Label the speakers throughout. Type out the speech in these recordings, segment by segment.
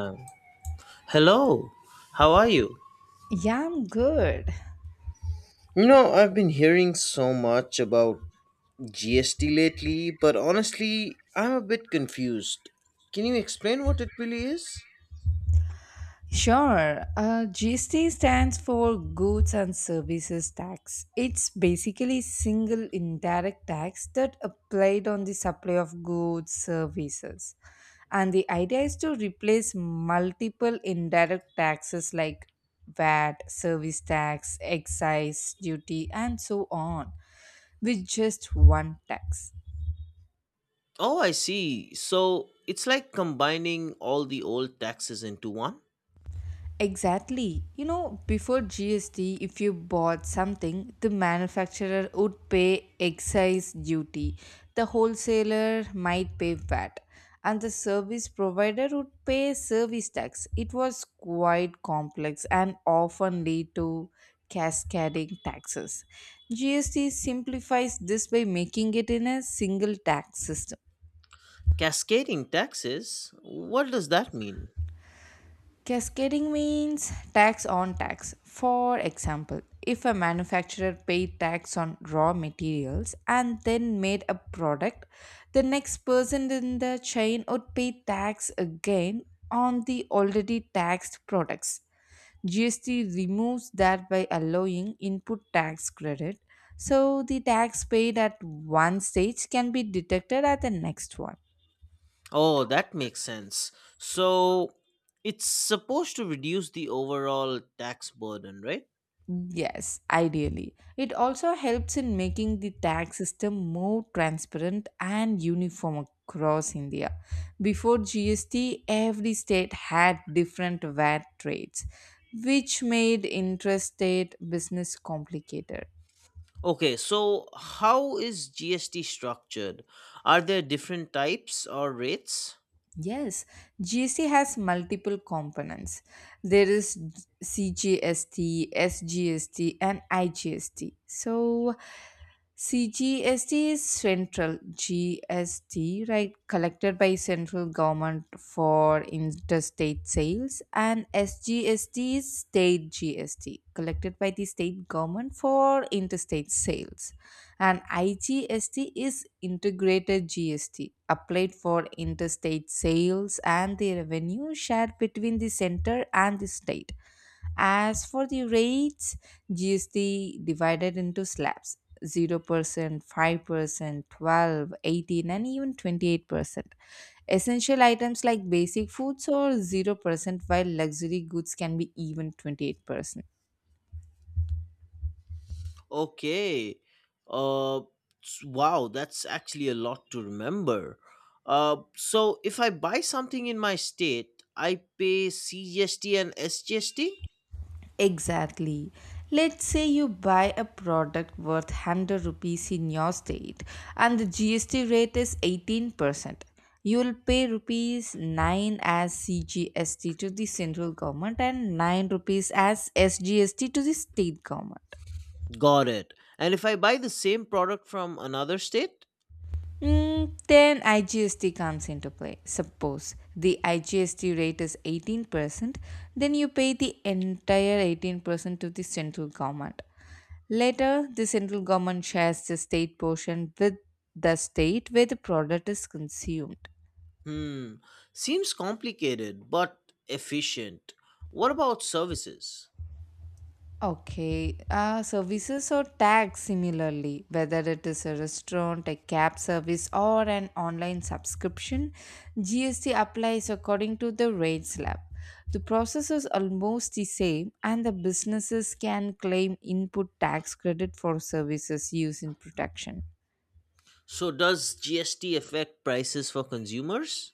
Speaker 1: Um, Hello, how are you?
Speaker 2: Yeah, I'm good.
Speaker 1: I've been hearing so much about GST lately, but honestly, I'm a bit confused. Can you explain what it really is?
Speaker 2: Sure. GST stands for Goods and Services Tax. It's basically single indirect tax that applied on the supply of goods, services. And the idea is to replace multiple indirect taxes like VAT, service tax, excise duty, and so on with just one tax.
Speaker 1: Oh, I see. So it's like combining all the old taxes into one?
Speaker 2: Exactly. Before GST, if you bought something, the manufacturer would pay excise duty, the wholesaler might pay VAT, and the service provider would pay service tax. It was quite complex and often lead to cascading taxes. GST simplifies this by making it in a single tax system.
Speaker 1: Cascading taxes? What does that mean?
Speaker 2: Cascading means tax on tax. For example, if a manufacturer paid tax on raw materials and then made a product, the next person in the chain would pay tax again on the already taxed products. GST removes that by allowing input tax credit, so the tax paid at one stage can be deducted at the next one.
Speaker 1: Oh, that makes sense. So it's supposed to reduce the overall tax burden, right?
Speaker 2: Yes, ideally. It also helps in making the tax system more transparent and uniform across India. Before GST, every state had different VAT rates, which made interstate business complicated.
Speaker 1: Okay, so how is GST structured? Are there different types or rates?
Speaker 2: Yes, GST has multiple components. There is CGST, SGST, and IGST. So, CGST is central GST, right? Collected by central government for interstate sales, and SGST is state GST, collected by the state government for interstate sales, and IGST is integrated GST applied for interstate sales and the revenue shared between the center and the state. As for the rates, GST divided into slabs 0%, 5%, 12, 18, and even 28%. Essential items like basic foods are 0% while luxury goods can be even 28%.
Speaker 1: Okay. Uh wow, that's actually a lot to remember. So if I buy something in my state, I pay CGST and SGST?
Speaker 2: Exactly. Let's say you buy a product worth 100 rupees in your state and the GST rate is 18%. You will pay rupees 9 as CGST to the central government and 9 rupees as SGST to the state government.
Speaker 1: Got it. And if I buy the same product from another state?
Speaker 2: Then IGST comes into play. Suppose the IGST rate is 18%, then you pay the entire 18% to the central government. Later, the central government shares the state portion with the state where the product is consumed.
Speaker 1: Hmm. Seems complicated but efficient. What about services?
Speaker 2: Okay, services or tags similarly, whether it is a restaurant, a cab service, or an online subscription, GST applies according to the rate slab. The process is almost the same, and the businesses can claim input tax credit for services used in production.
Speaker 1: So does GST affect prices for consumers?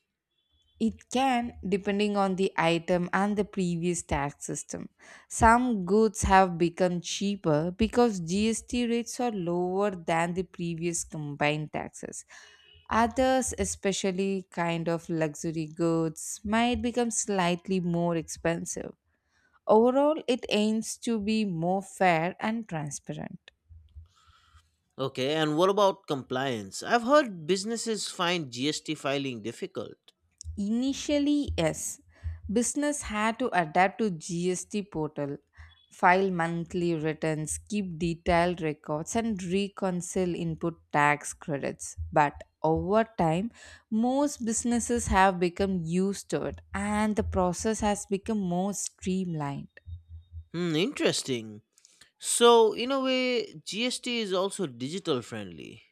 Speaker 2: It can, depending on the item and the previous tax system. Some goods have become cheaper because GST rates are lower than the previous combined taxes. Others, especially kind of luxury goods, might become slightly more expensive. Overall, it aims to be more fair and transparent.
Speaker 1: Okay, and what about compliance? I've heard businesses find GST filing difficult.
Speaker 2: Initially, yes. Business had to adapt to GST portal, file monthly returns, keep detailed records, and reconcile input tax credits. But over time, most businesses have become used to it, and the process has become more streamlined.
Speaker 1: Interesting. So, in a way, GST is also digital friendly.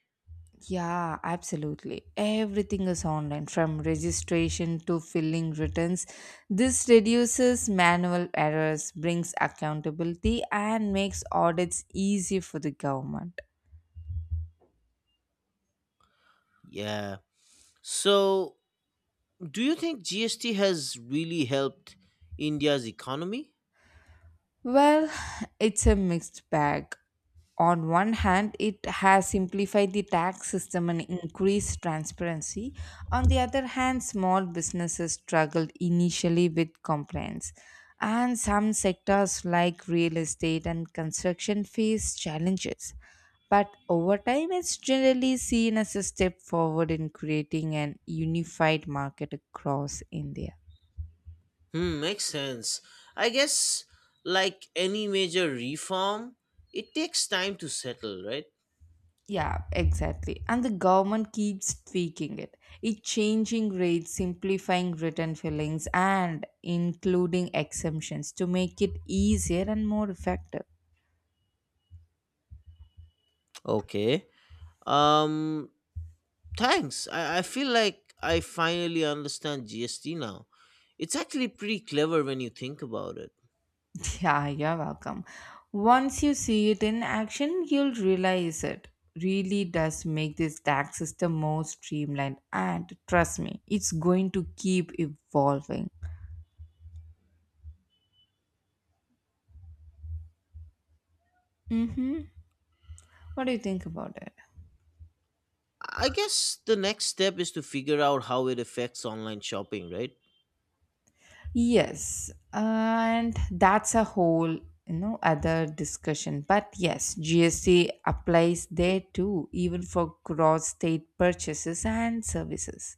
Speaker 2: Yeah, absolutely. Everything is online from registration to filling returns. This reduces manual errors, brings accountability, and makes audits easier for the government.
Speaker 1: Yeah. So, do you think GST has really helped India's economy?
Speaker 2: Well, it's a mixed bag. On one hand, it has simplified the tax system and increased transparency. On the other hand, small businesses struggled initially with compliance. And some sectors like real estate and construction face challenges. But over time, it's generally seen as a step forward in creating an unified market across India.
Speaker 1: Makes sense. I guess, like any major reform, it takes time to settle, right?
Speaker 2: Yeah, exactly. And the government keeps tweaking it. It's changing rates, simplifying written fillings and including exemptions to make it easier and more effective.
Speaker 1: Okay. Um, Thanks. I feel like I finally understand GST now. It's actually pretty clever when you think about it.
Speaker 2: Yeah, you're welcome. Once you see it in action, you'll realize it really does make this tax system more streamlined and trust me, it's going to keep evolving. Mhm. What do you think about it?
Speaker 1: I guess the next step is to figure out how it affects online shopping, right?
Speaker 2: Yes, and that's a whole other discussion. But yes, GST applies there too, even for cross-state purchases and services.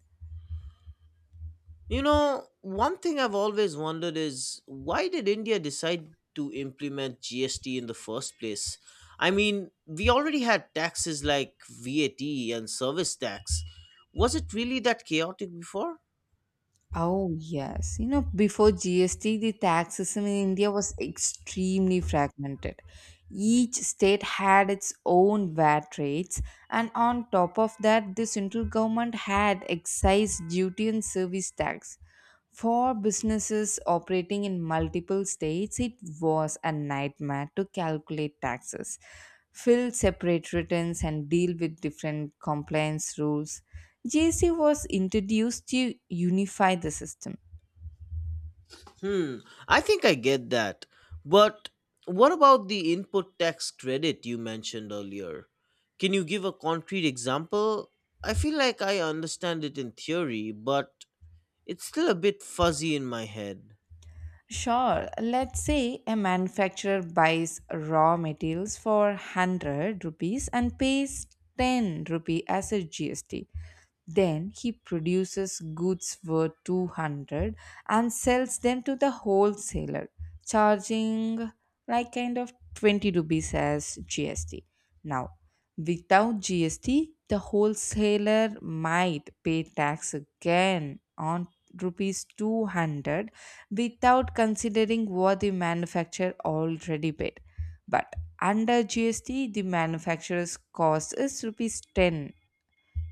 Speaker 1: One thing I've always wondered is why did India decide to implement GST in the first place? I mean, we already had taxes like VAT and service tax. Was it really that chaotic before?
Speaker 2: Oh, yes. Before GST, the tax system in India was extremely fragmented. Each state had its own VAT rates, and on top of that, the central government had excise duty and service tax. For businesses operating in multiple states, it was a nightmare to calculate taxes, fill separate returns, and deal with different compliance rules. JC was introduced to unify the system.
Speaker 1: Hmm, I think I get that. But what about the input tax credit you mentioned earlier? Can you give a concrete example? I feel like I understand it in theory, but it's still a bit fuzzy in my head.
Speaker 2: Sure, let's say a manufacturer buys raw materials for 100 rupees and pays 10 rupee as a GST. Then he produces goods worth 200 and sells them to the wholesaler, charging like kind of 20 rupees as GST. Now, without GST, the wholesaler might pay tax again on rupees 200 without considering what the manufacturer already paid. But under GST, the manufacturer's cost is rupees 10.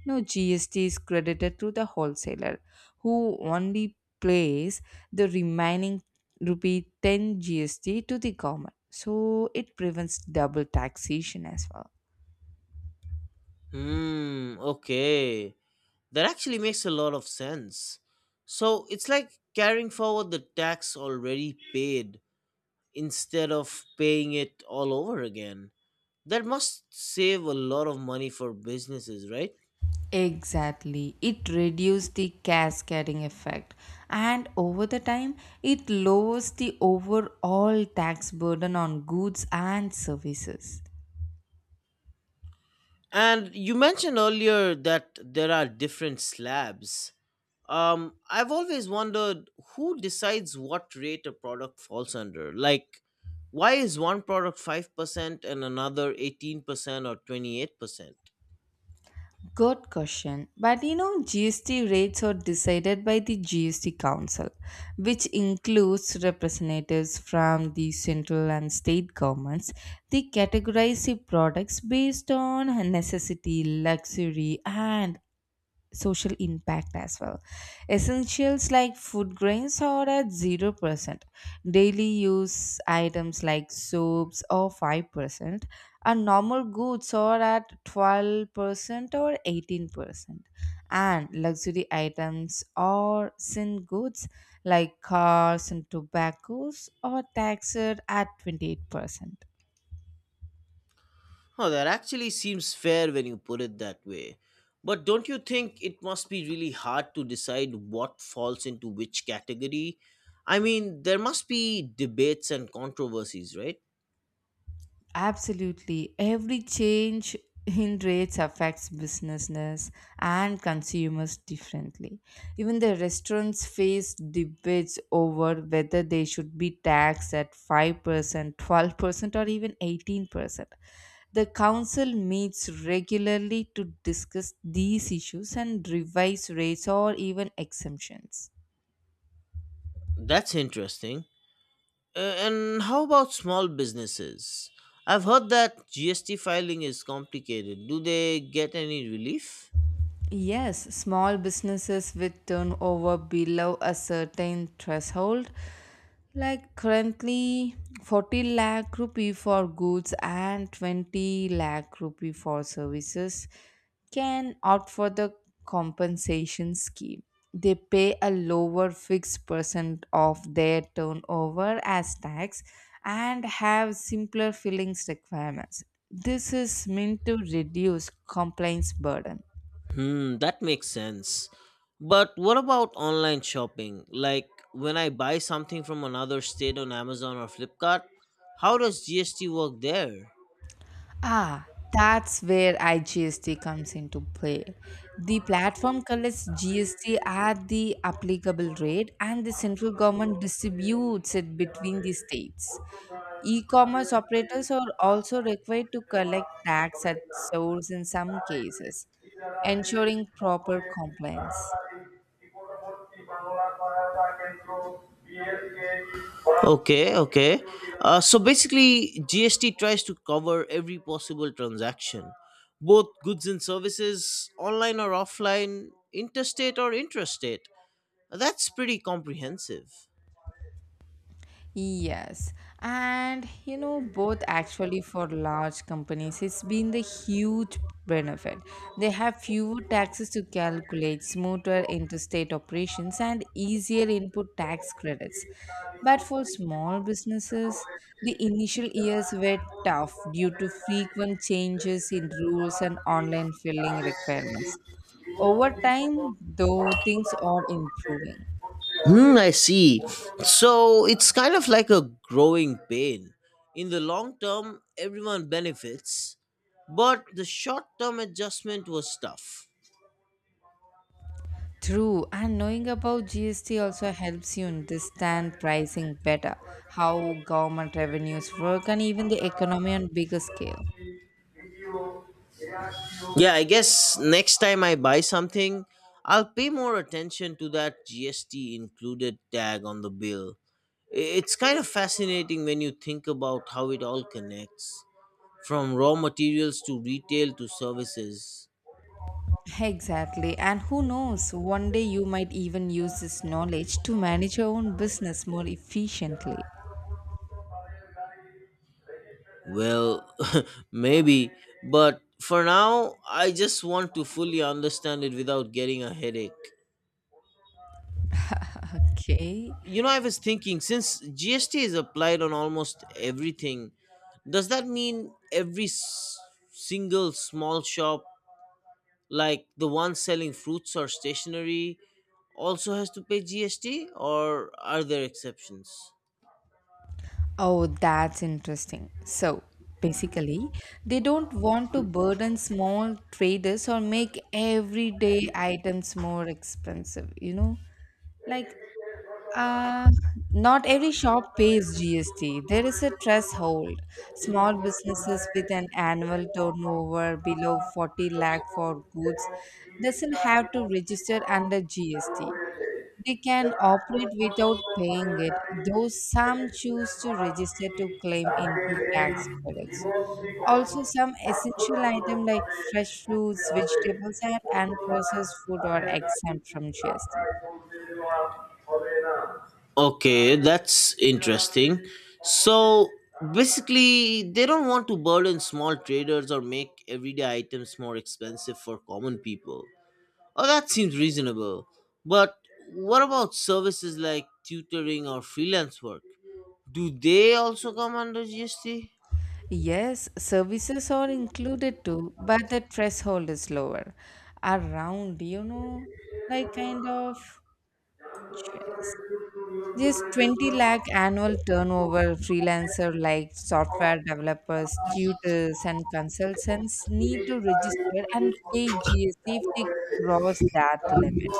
Speaker 2: No, GST is credited to the wholesaler who only pays the remaining rupee 10 GST to the government. So it prevents double taxation as well.
Speaker 1: Hmm, okay. That actually makes a lot of sense. So it's like carrying forward the tax already paid instead of paying it all over again. That must save a lot of money for businesses, right?
Speaker 2: Exactly. It reduces the cascading effect. And over the time, it lowers the overall tax burden on goods and services.
Speaker 1: And you mentioned earlier that there are different slabs. I've always wondered who decides what rate a product falls under. Like, why is one product 5% and another 18% or 28%?
Speaker 2: Good question. But GST rates are decided by the GST Council, which includes representatives from the central and state governments. They categorize the products based on necessity, luxury, and social impact as well. Essentials like food grains are at 0%. Daily use items like soaps are 5%, and normal goods are at 12% or 18%. And luxury items or sin goods like cars and tobaccos are taxed at 28%.
Speaker 1: Oh, that actually seems fair when you put it that way. But don't you think it must be really hard to decide what falls into which category? I mean, there must be debates and controversies, right?
Speaker 2: Absolutely. Every change in rates affects businesses and consumers differently. Even the restaurants face debates over whether they should be taxed at 5%, 12%, or even 18%. The council meets regularly to discuss these issues and revise rates or even exemptions.
Speaker 1: That's interesting. And how about small businesses? I've heard that GST filing is complicated. Do they get any relief?
Speaker 2: Yes, small businesses with turnover below a certain threshold, like currently 40 lakh rupee for goods and 20 lakh rupee for services, can opt for the compensation scheme. They pay a lower fixed percent of their turnover as tax and have simpler fillings requirements. This is meant to reduce compliance burden.
Speaker 1: That makes sense. But what about online shopping? Like when I buy something from another state on Amazon or Flipkart, how does GST work there?
Speaker 2: Ah, that's where IGST
Speaker 1: অন্যথায়
Speaker 2: comes into play. The platform collects GST at the applicable rate and the central government distributes it between the states.
Speaker 1: তাদের
Speaker 2: E-commerce
Speaker 1: নারী
Speaker 2: operators are also
Speaker 1: রাস্তায়
Speaker 2: required
Speaker 1: চলতে
Speaker 2: to
Speaker 1: দেওয়া
Speaker 2: collect tax
Speaker 1: হবে
Speaker 2: at
Speaker 1: না
Speaker 2: source in some
Speaker 1: তার
Speaker 2: cases, ensuring proper compliance.
Speaker 1: Okay, okay. So basically, GST tries to cover every possible transaction, both goods and services, online or offline, interstate or intrastate. That's pretty comprehensive.
Speaker 2: Yes, and both actually for large companies, it's been the huge benefit. They have fewer taxes to calculate, smoother interstate operations, and easier input tax credits. But for small businesses, the initial years were tough due to frequent changes in rules and online filing requirements. Over time, though, things are improving.
Speaker 1: I see. So it's kind of like a growing pain. In the long term, everyone benefits, but the short term adjustment was tough.
Speaker 2: True, and knowing about GST also helps you understand pricing better, how government revenues work, and even the economy on bigger scale.
Speaker 1: Yeah, I guess next time I buy something, I'll pay more attention to that GST included tag on the bill. It's kind of fascinating when you think about how it all connects from raw materials to retail to services.
Speaker 2: Exactly, and who knows, one day you might even use this knowledge to manage your own business more efficiently.
Speaker 1: Well, maybe, but for now, I just want to fully understand it without getting a headache.
Speaker 2: Okay.
Speaker 1: I was thinking since GST is applied on almost everything, does that mean every single small shop, like the one selling fruits or stationery, also has to pay GST, or are there exceptions?
Speaker 2: Oh, that's interesting. So, basically, they don't want to burden small traders or make everyday items more expensive, you know? Like, Uh, not every shop pays GST. There is a threshold. Small businesses with an annual turnover below 40 lakh for goods doesn't have to register under GST. They can operate without paying it, though some choose to register to claim input tax credits. Also,
Speaker 1: বাধ্যতামূলকভাবে
Speaker 2: some essential items like fresh
Speaker 1: করতে
Speaker 2: fruits,
Speaker 1: হবে
Speaker 2: vegetables, and
Speaker 1: অন্যথা
Speaker 2: processed food are
Speaker 1: তাদের গাড়ি
Speaker 2: exempt from GST.
Speaker 1: রাস্তায় চলতে দেওয়া হবে না Okay, that's interesting. So basically, they don't want to burden small traders or make everyday items more expensive for common people. Oh, that seems reasonable. But what about services like tutoring or freelance work? Do they also come under GST?
Speaker 2: Yes, services are included too, but the threshold is lower. Around, like kind of just, just 20 lakh annual turnover freelancer like software developers, tutors, and consultants need to register and pay GST if they cross that limit.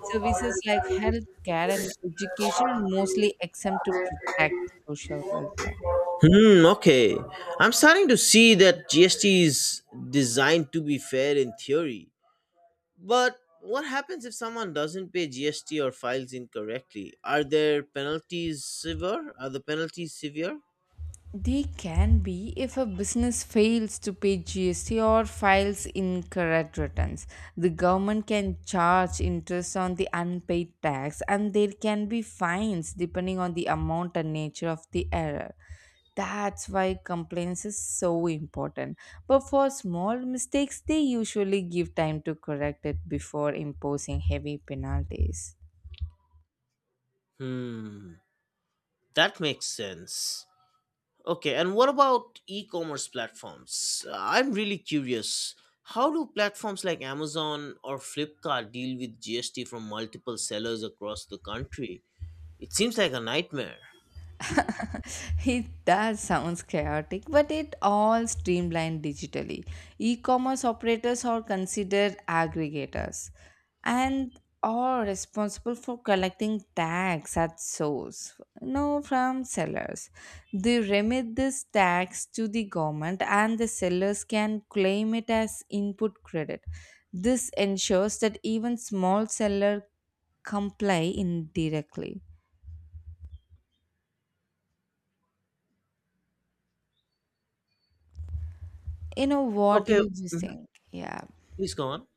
Speaker 2: Services like healthcare and education are mostly exempt to protect social welfare.
Speaker 1: Hmm, okay. I'm starting to see that GST is designed to be fair in theory. But what happens if someone doesn't pay GST or files incorrectly? Are there penalties severe? Are the penalties severe?
Speaker 2: They can be if a business fails to pay GST or files incorrect returns. The government can charge interest on the unpaid tax and there can be fines depending on the amount and nature of the error. That's why complaints is so important. But for small mistakes, they usually give time to correct it before imposing heavy penalties.
Speaker 1: Hmm, that makes sense. Okay, and what about e commerce platforms? I'm really curious. How do platforms like Amazon or Flipkart deal with GST from multiple sellers across the country? It seems like a nightmare.
Speaker 2: It does sounds chaotic, but it all streamlined digitally. E-commerce operators are considered aggregators and are responsible for collecting tax at source, no from sellers. They remit this tax to the government and the sellers can claim it as input credit. This ensures that even small seller comply indirectly. You know what do
Speaker 1: Okay,
Speaker 2: you just
Speaker 1: mhm,
Speaker 2: think? Yeah.
Speaker 1: please go on.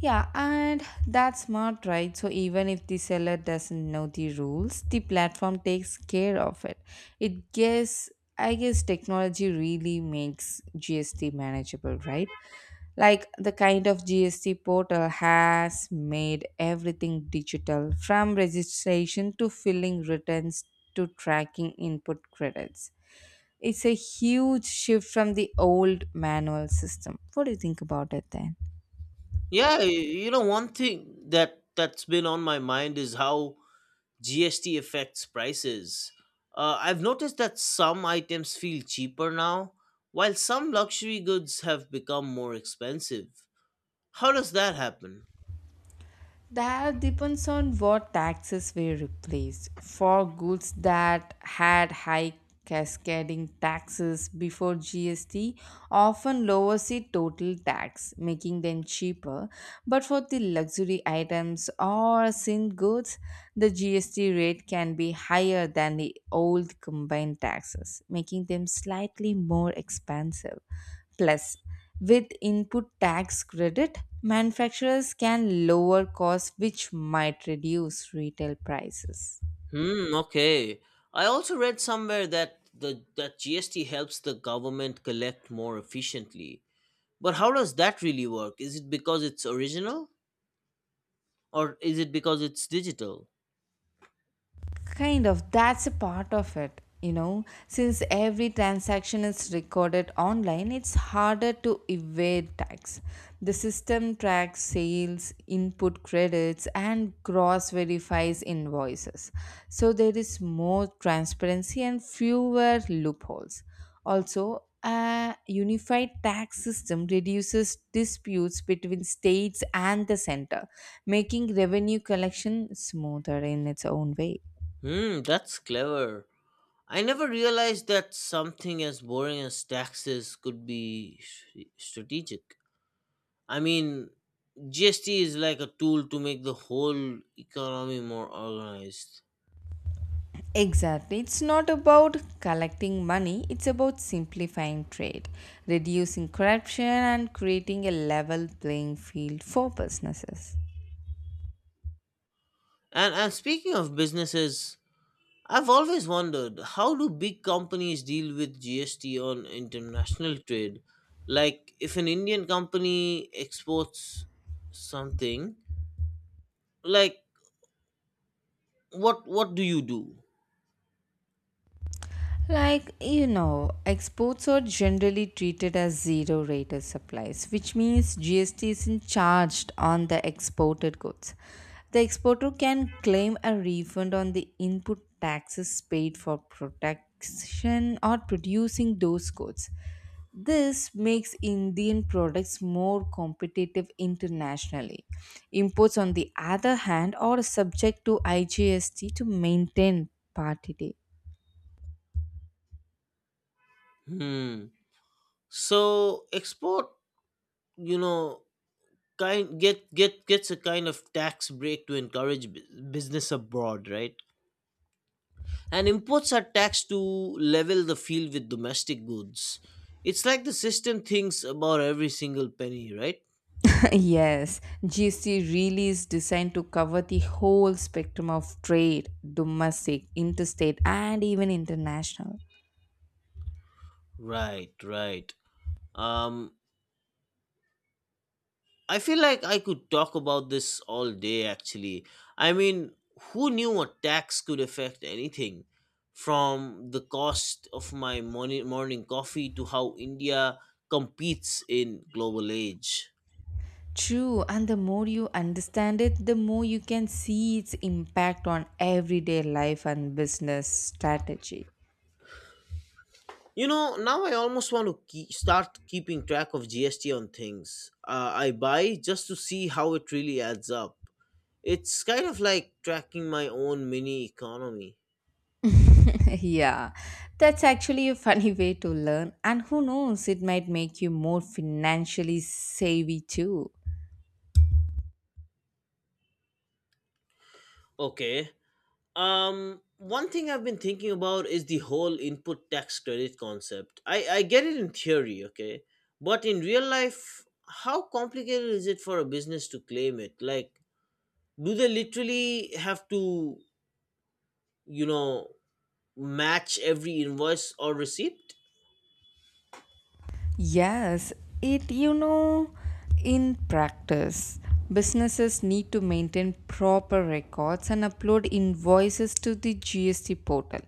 Speaker 2: Yeah, and that's smart, right? So even if the seller doesn't know the rules, the platform takes care of it. It guess I guess technology really makes GST manageable, right? Like the kind of GST portal has made everything digital from registration to filling returns to tracking input credits. It's a huge shift from the old manual system. What do you think about it then?
Speaker 1: Yeah, one thing that's been on my mind is how GST affects prices. I've noticed that some items feel cheaper now, while some luxury goods have become more expensive. How does that happen?
Speaker 2: That depends on what taxes were replaced. For goods that had high cascading taxes before GST, often lowers the total tax, making them cheaper. But for the luxury items or sin goods, the GST rate can be higher than the old combined taxes, making them slightly more expensive. Plus, with input tax credit, manufacturers can lower costs which might reduce retail prices.
Speaker 1: Hmm, okay. I also read somewhere that GST helps the government collect more efficiently. But how does that really work? Is it because it's original or is it because it's digital?
Speaker 2: Kind of, that's a part of it. Since every transaction is recorded online, it's harder to evade tax. The system tracks sales, input credits, and cross verifies invoices. So there is more transparency and fewer loopholes. Also, a unified tax system reduces disputes between states and the center, making revenue collection smoother in its own way.
Speaker 1: That's clever. I never realized that something as boring as taxes could be strategic. I mean, GST is like a tool to make the whole economy more organized.
Speaker 2: Exactly. It's not about collecting money, it's about simplifying trade, reducing corruption, and creating a level playing field for businesses.
Speaker 1: And speaking of businesses, I've always wondered how do big companies deal with GST on international trade? Like if an Indian company exports something, like what do you do?
Speaker 2: Exports are generally treated as zero rated supplies, which means GST isn't charged on the exported goods. The exporter can claim a refund on the input taxes paid for production or producing those goods. This makes Indian products more competitive internationally. Imports, on the other hand, are subject to IGST to maintain parity.
Speaker 1: Hmm. So export, you know, kind get gets a kind of tax break to encourage business abroad, right? And imports are taxed to level the field with domestic goods. It's like the system thinks about every single penny, right?
Speaker 2: Yes, GST really is designed to cover the whole spectrum of trade, domestic, interstate, and even international.
Speaker 1: Right, right. Um, I feel like I could talk about this all day actually. I mean, who knew a tax could affect anything? From the cost of my morning coffee to how India competes in global age.
Speaker 2: True, and the more you understand it, the more you can see its impact on everyday life and business strategy.
Speaker 1: Now I almost want to keep, start keeping track of GST on things I buy just to see how it really adds up. It's kind of like tracking my own mini economy.
Speaker 2: Yeah, that's actually a funny way to learn, and who knows, it might make you more financially savvy too.
Speaker 1: Okay. One thing I've been thinking about is the whole input tax credit concept. I get it in theory, okay? But in real life, how complicated is it for a business to claim it? Like, do they literally have to, you know, match every invoice or receipt?
Speaker 2: Yes, it you know, in practice, businesses need to maintain proper records and upload invoices to the GST portal.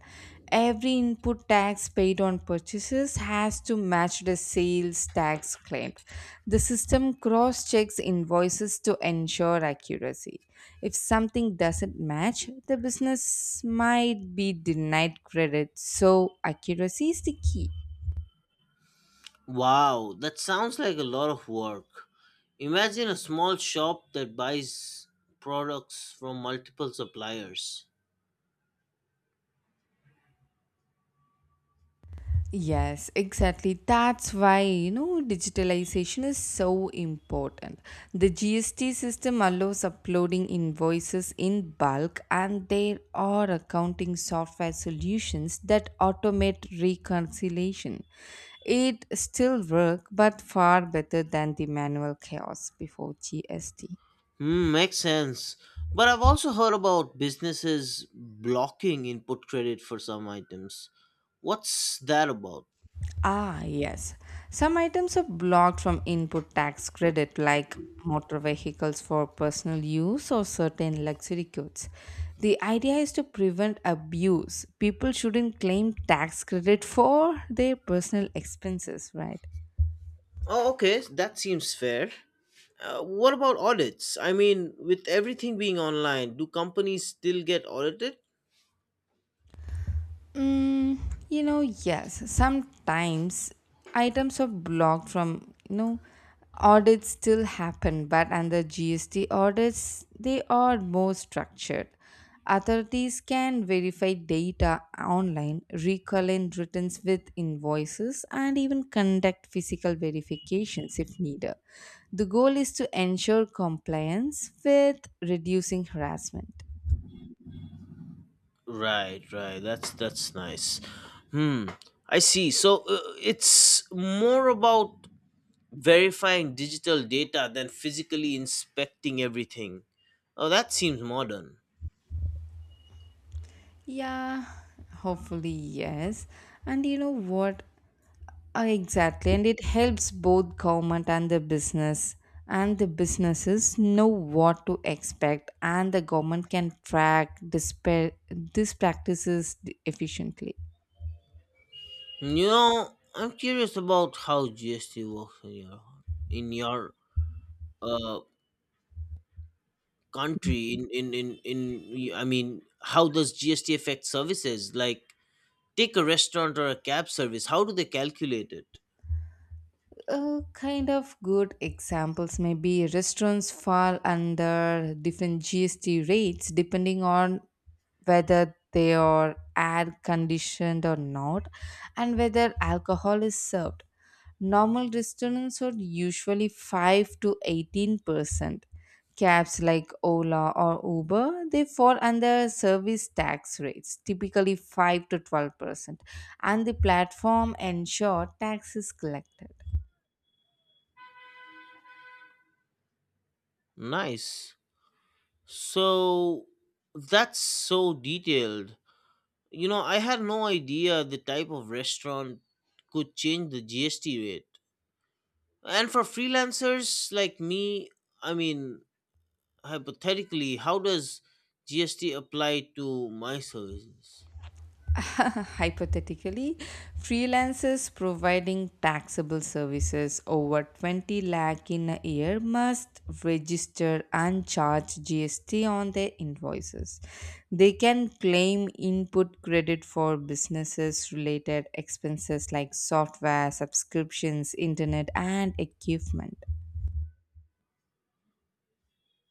Speaker 2: Every input tax paid on purchases has to match the sales tax claimed. The system cross checks invoices to ensure accuracy. If something doesn't match, the business might be denied credit, so accuracy is the key.
Speaker 1: Wow, that sounds like a lot of work. Imagine a small shop that buys products from multiple suppliers.
Speaker 2: Yes, exactly. That's why, digitalization is so important. The GST system allows uploading invoices in bulk, and there are accounting software solutions that automate reconciliation. It still works, but far better than the manual chaos before GST.
Speaker 1: Makes sense. But I've also heard about businesses blocking input credit for some items. What's that about?
Speaker 2: Ah, yes. Some items are blocked from input tax credit, like motor vehicles for personal use or certain luxury goods. The idea is to prevent abuse. People shouldn't claim tax credit for their personal expenses, right?
Speaker 1: Oh, okay, that seems fair. What about audits? I mean, with everything being online, do companies still get audited?
Speaker 2: Mm, yes. Sometimes items are blocked from, you know, audits still happen, but under GST audits, they are more structured. Authorities can verify data online, recollect returns with invoices, and even conduct physical verifications if needed. The goal is to ensure compliance with reducing harassment.
Speaker 1: Right, right. That's nice. Hmm. I see. So it's more about verifying digital data than physically inspecting everything. Oh, that seems modern.
Speaker 2: Yeah, hopefully, yes. And you know what? Exactly. And it helps both government and the business. And the businesses know what to expect, and the government can track this, these practices efficiently.
Speaker 1: I'm curious about how GST works in your uh country. In I mean, how does GST affect services? Like, take a restaurant or a cab service. How do they calculate it?
Speaker 2: Kind of good examples may be restaurants fall under different GST rates depending on whether they are air conditioned or not and whether alcohol is served. Normal restaurants are usually 5 to 18%. Cabs like Ola or Uber, they fall under service tax rates, typically 5 to 12%, and the platform ensure tax is collected.
Speaker 1: Nice. So that's so detailed. I had no idea the type of restaurant could change the GST rate. And for freelancers like me, I mean, hypothetically, how does GST apply to my services?
Speaker 2: Hypothetically, freelancers providing taxable services over 20 lakh in a year must register and charge GST on their invoices. They can claim input credit for businesses related expenses like software, subscriptions, internet, and equipment.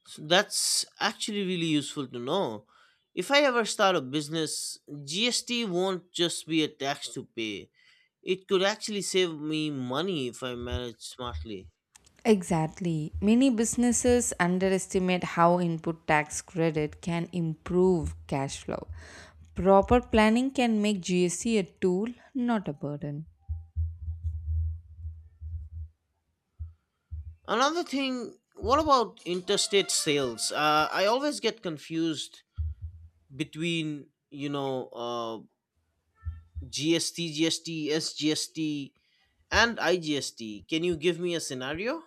Speaker 1: So that's actually really useful to know. If I ever start a business, GST won't just be a tax to pay. It could actually save me money if I manage smartly.
Speaker 2: Exactly. Many businesses underestimate how input tax credit can improve cash flow. Proper planning can make GST a tool, not a burden.
Speaker 1: Another thing, what about interstate sales? I always get confused between GST, SGST, and IGST. Can you give me a scenario?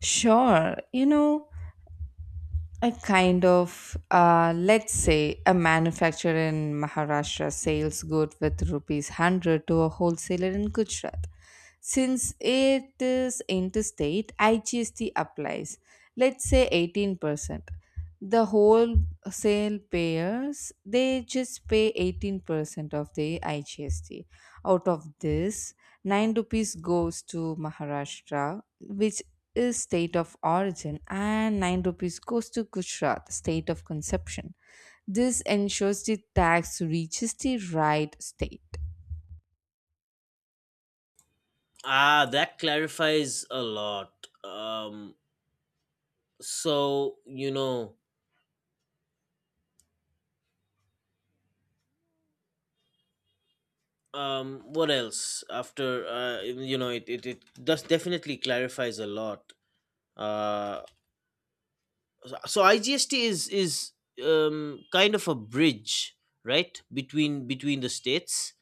Speaker 2: Sure, you know, a kind of let's say a manufacturer in maharashtra sells good with rupees 100 to a wholesaler in gujarat, since it is interstate igst applies, let's say 18%. The wholesale payers, they just pay 18% of the igst. Out of this, 9 rupees goes to maharashtra, which is state of origin, and 9 rupees goes to Gujarat, state of conception. This ensures the tax reaches the right state.
Speaker 1: Ah, that clarifies a lot. Um, so what else after it does definitely clarifies a lot. Uh, so IGST is kind of a bridge, right, between the states,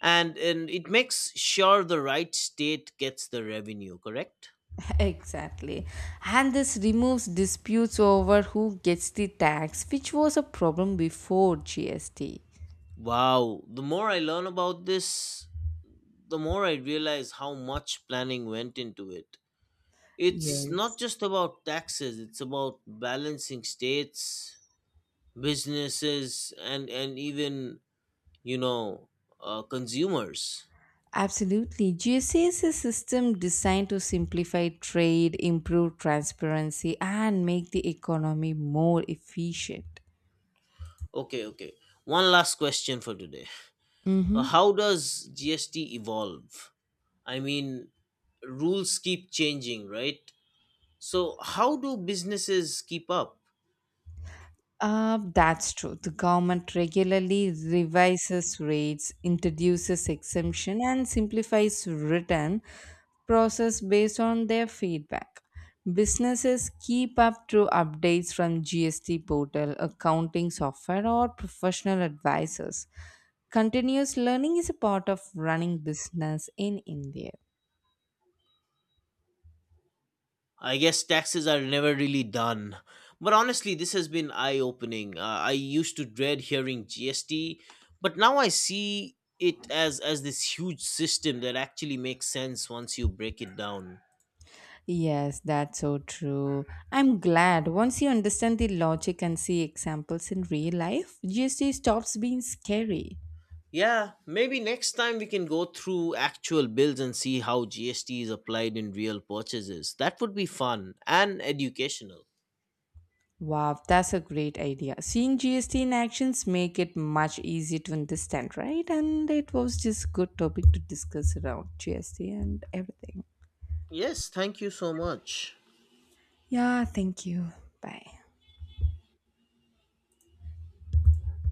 Speaker 1: and it makes sure the right state gets the revenue, correct?
Speaker 2: Exactly. And this removes disputes over who gets the tax, which was a problem before GST.
Speaker 1: Wow, the more I learn about this, the more I realize how much planning went into it. It's not
Speaker 2: Yes.
Speaker 1: just about taxes, it's about balancing states, businesses, and even, you know, consumers.
Speaker 2: Absolutely. GST is a system designed to simplify trade, improve transparency, and make the economy more efficient.
Speaker 1: Okay, okay. One last question for today.
Speaker 2: Mm-hmm.
Speaker 1: How does GST evolve? I mean, rules keep changing, right? So, how do businesses keep up?
Speaker 2: That's true. The government regularly revises rates, introduces exemption, and simplifies return process based on their feedback. Businesses keep up through updates from GST portal, accounting software, or professional advisors. Continuous learning is a part of running business in India.
Speaker 1: I guess taxes are never really done. But honestly, this has been eye opening. I used to dread hearing GST, but now I see it as this huge system that actually makes sense once you break it down.
Speaker 2: Yes, that's so true. I'm glad once you understand the logic and see examples in real life, GST stops being scary.
Speaker 1: Yeah, maybe next time we can go through actual bills and see how GST is applied in real purchases. That would be fun and educational.
Speaker 2: Wow, that's a great idea. Seeing GST in actions make it much easier to understand, right? And it was just good topic to discuss around GST and everything.
Speaker 1: Yes, thank you so much.
Speaker 2: Yeah, thank you. Bye.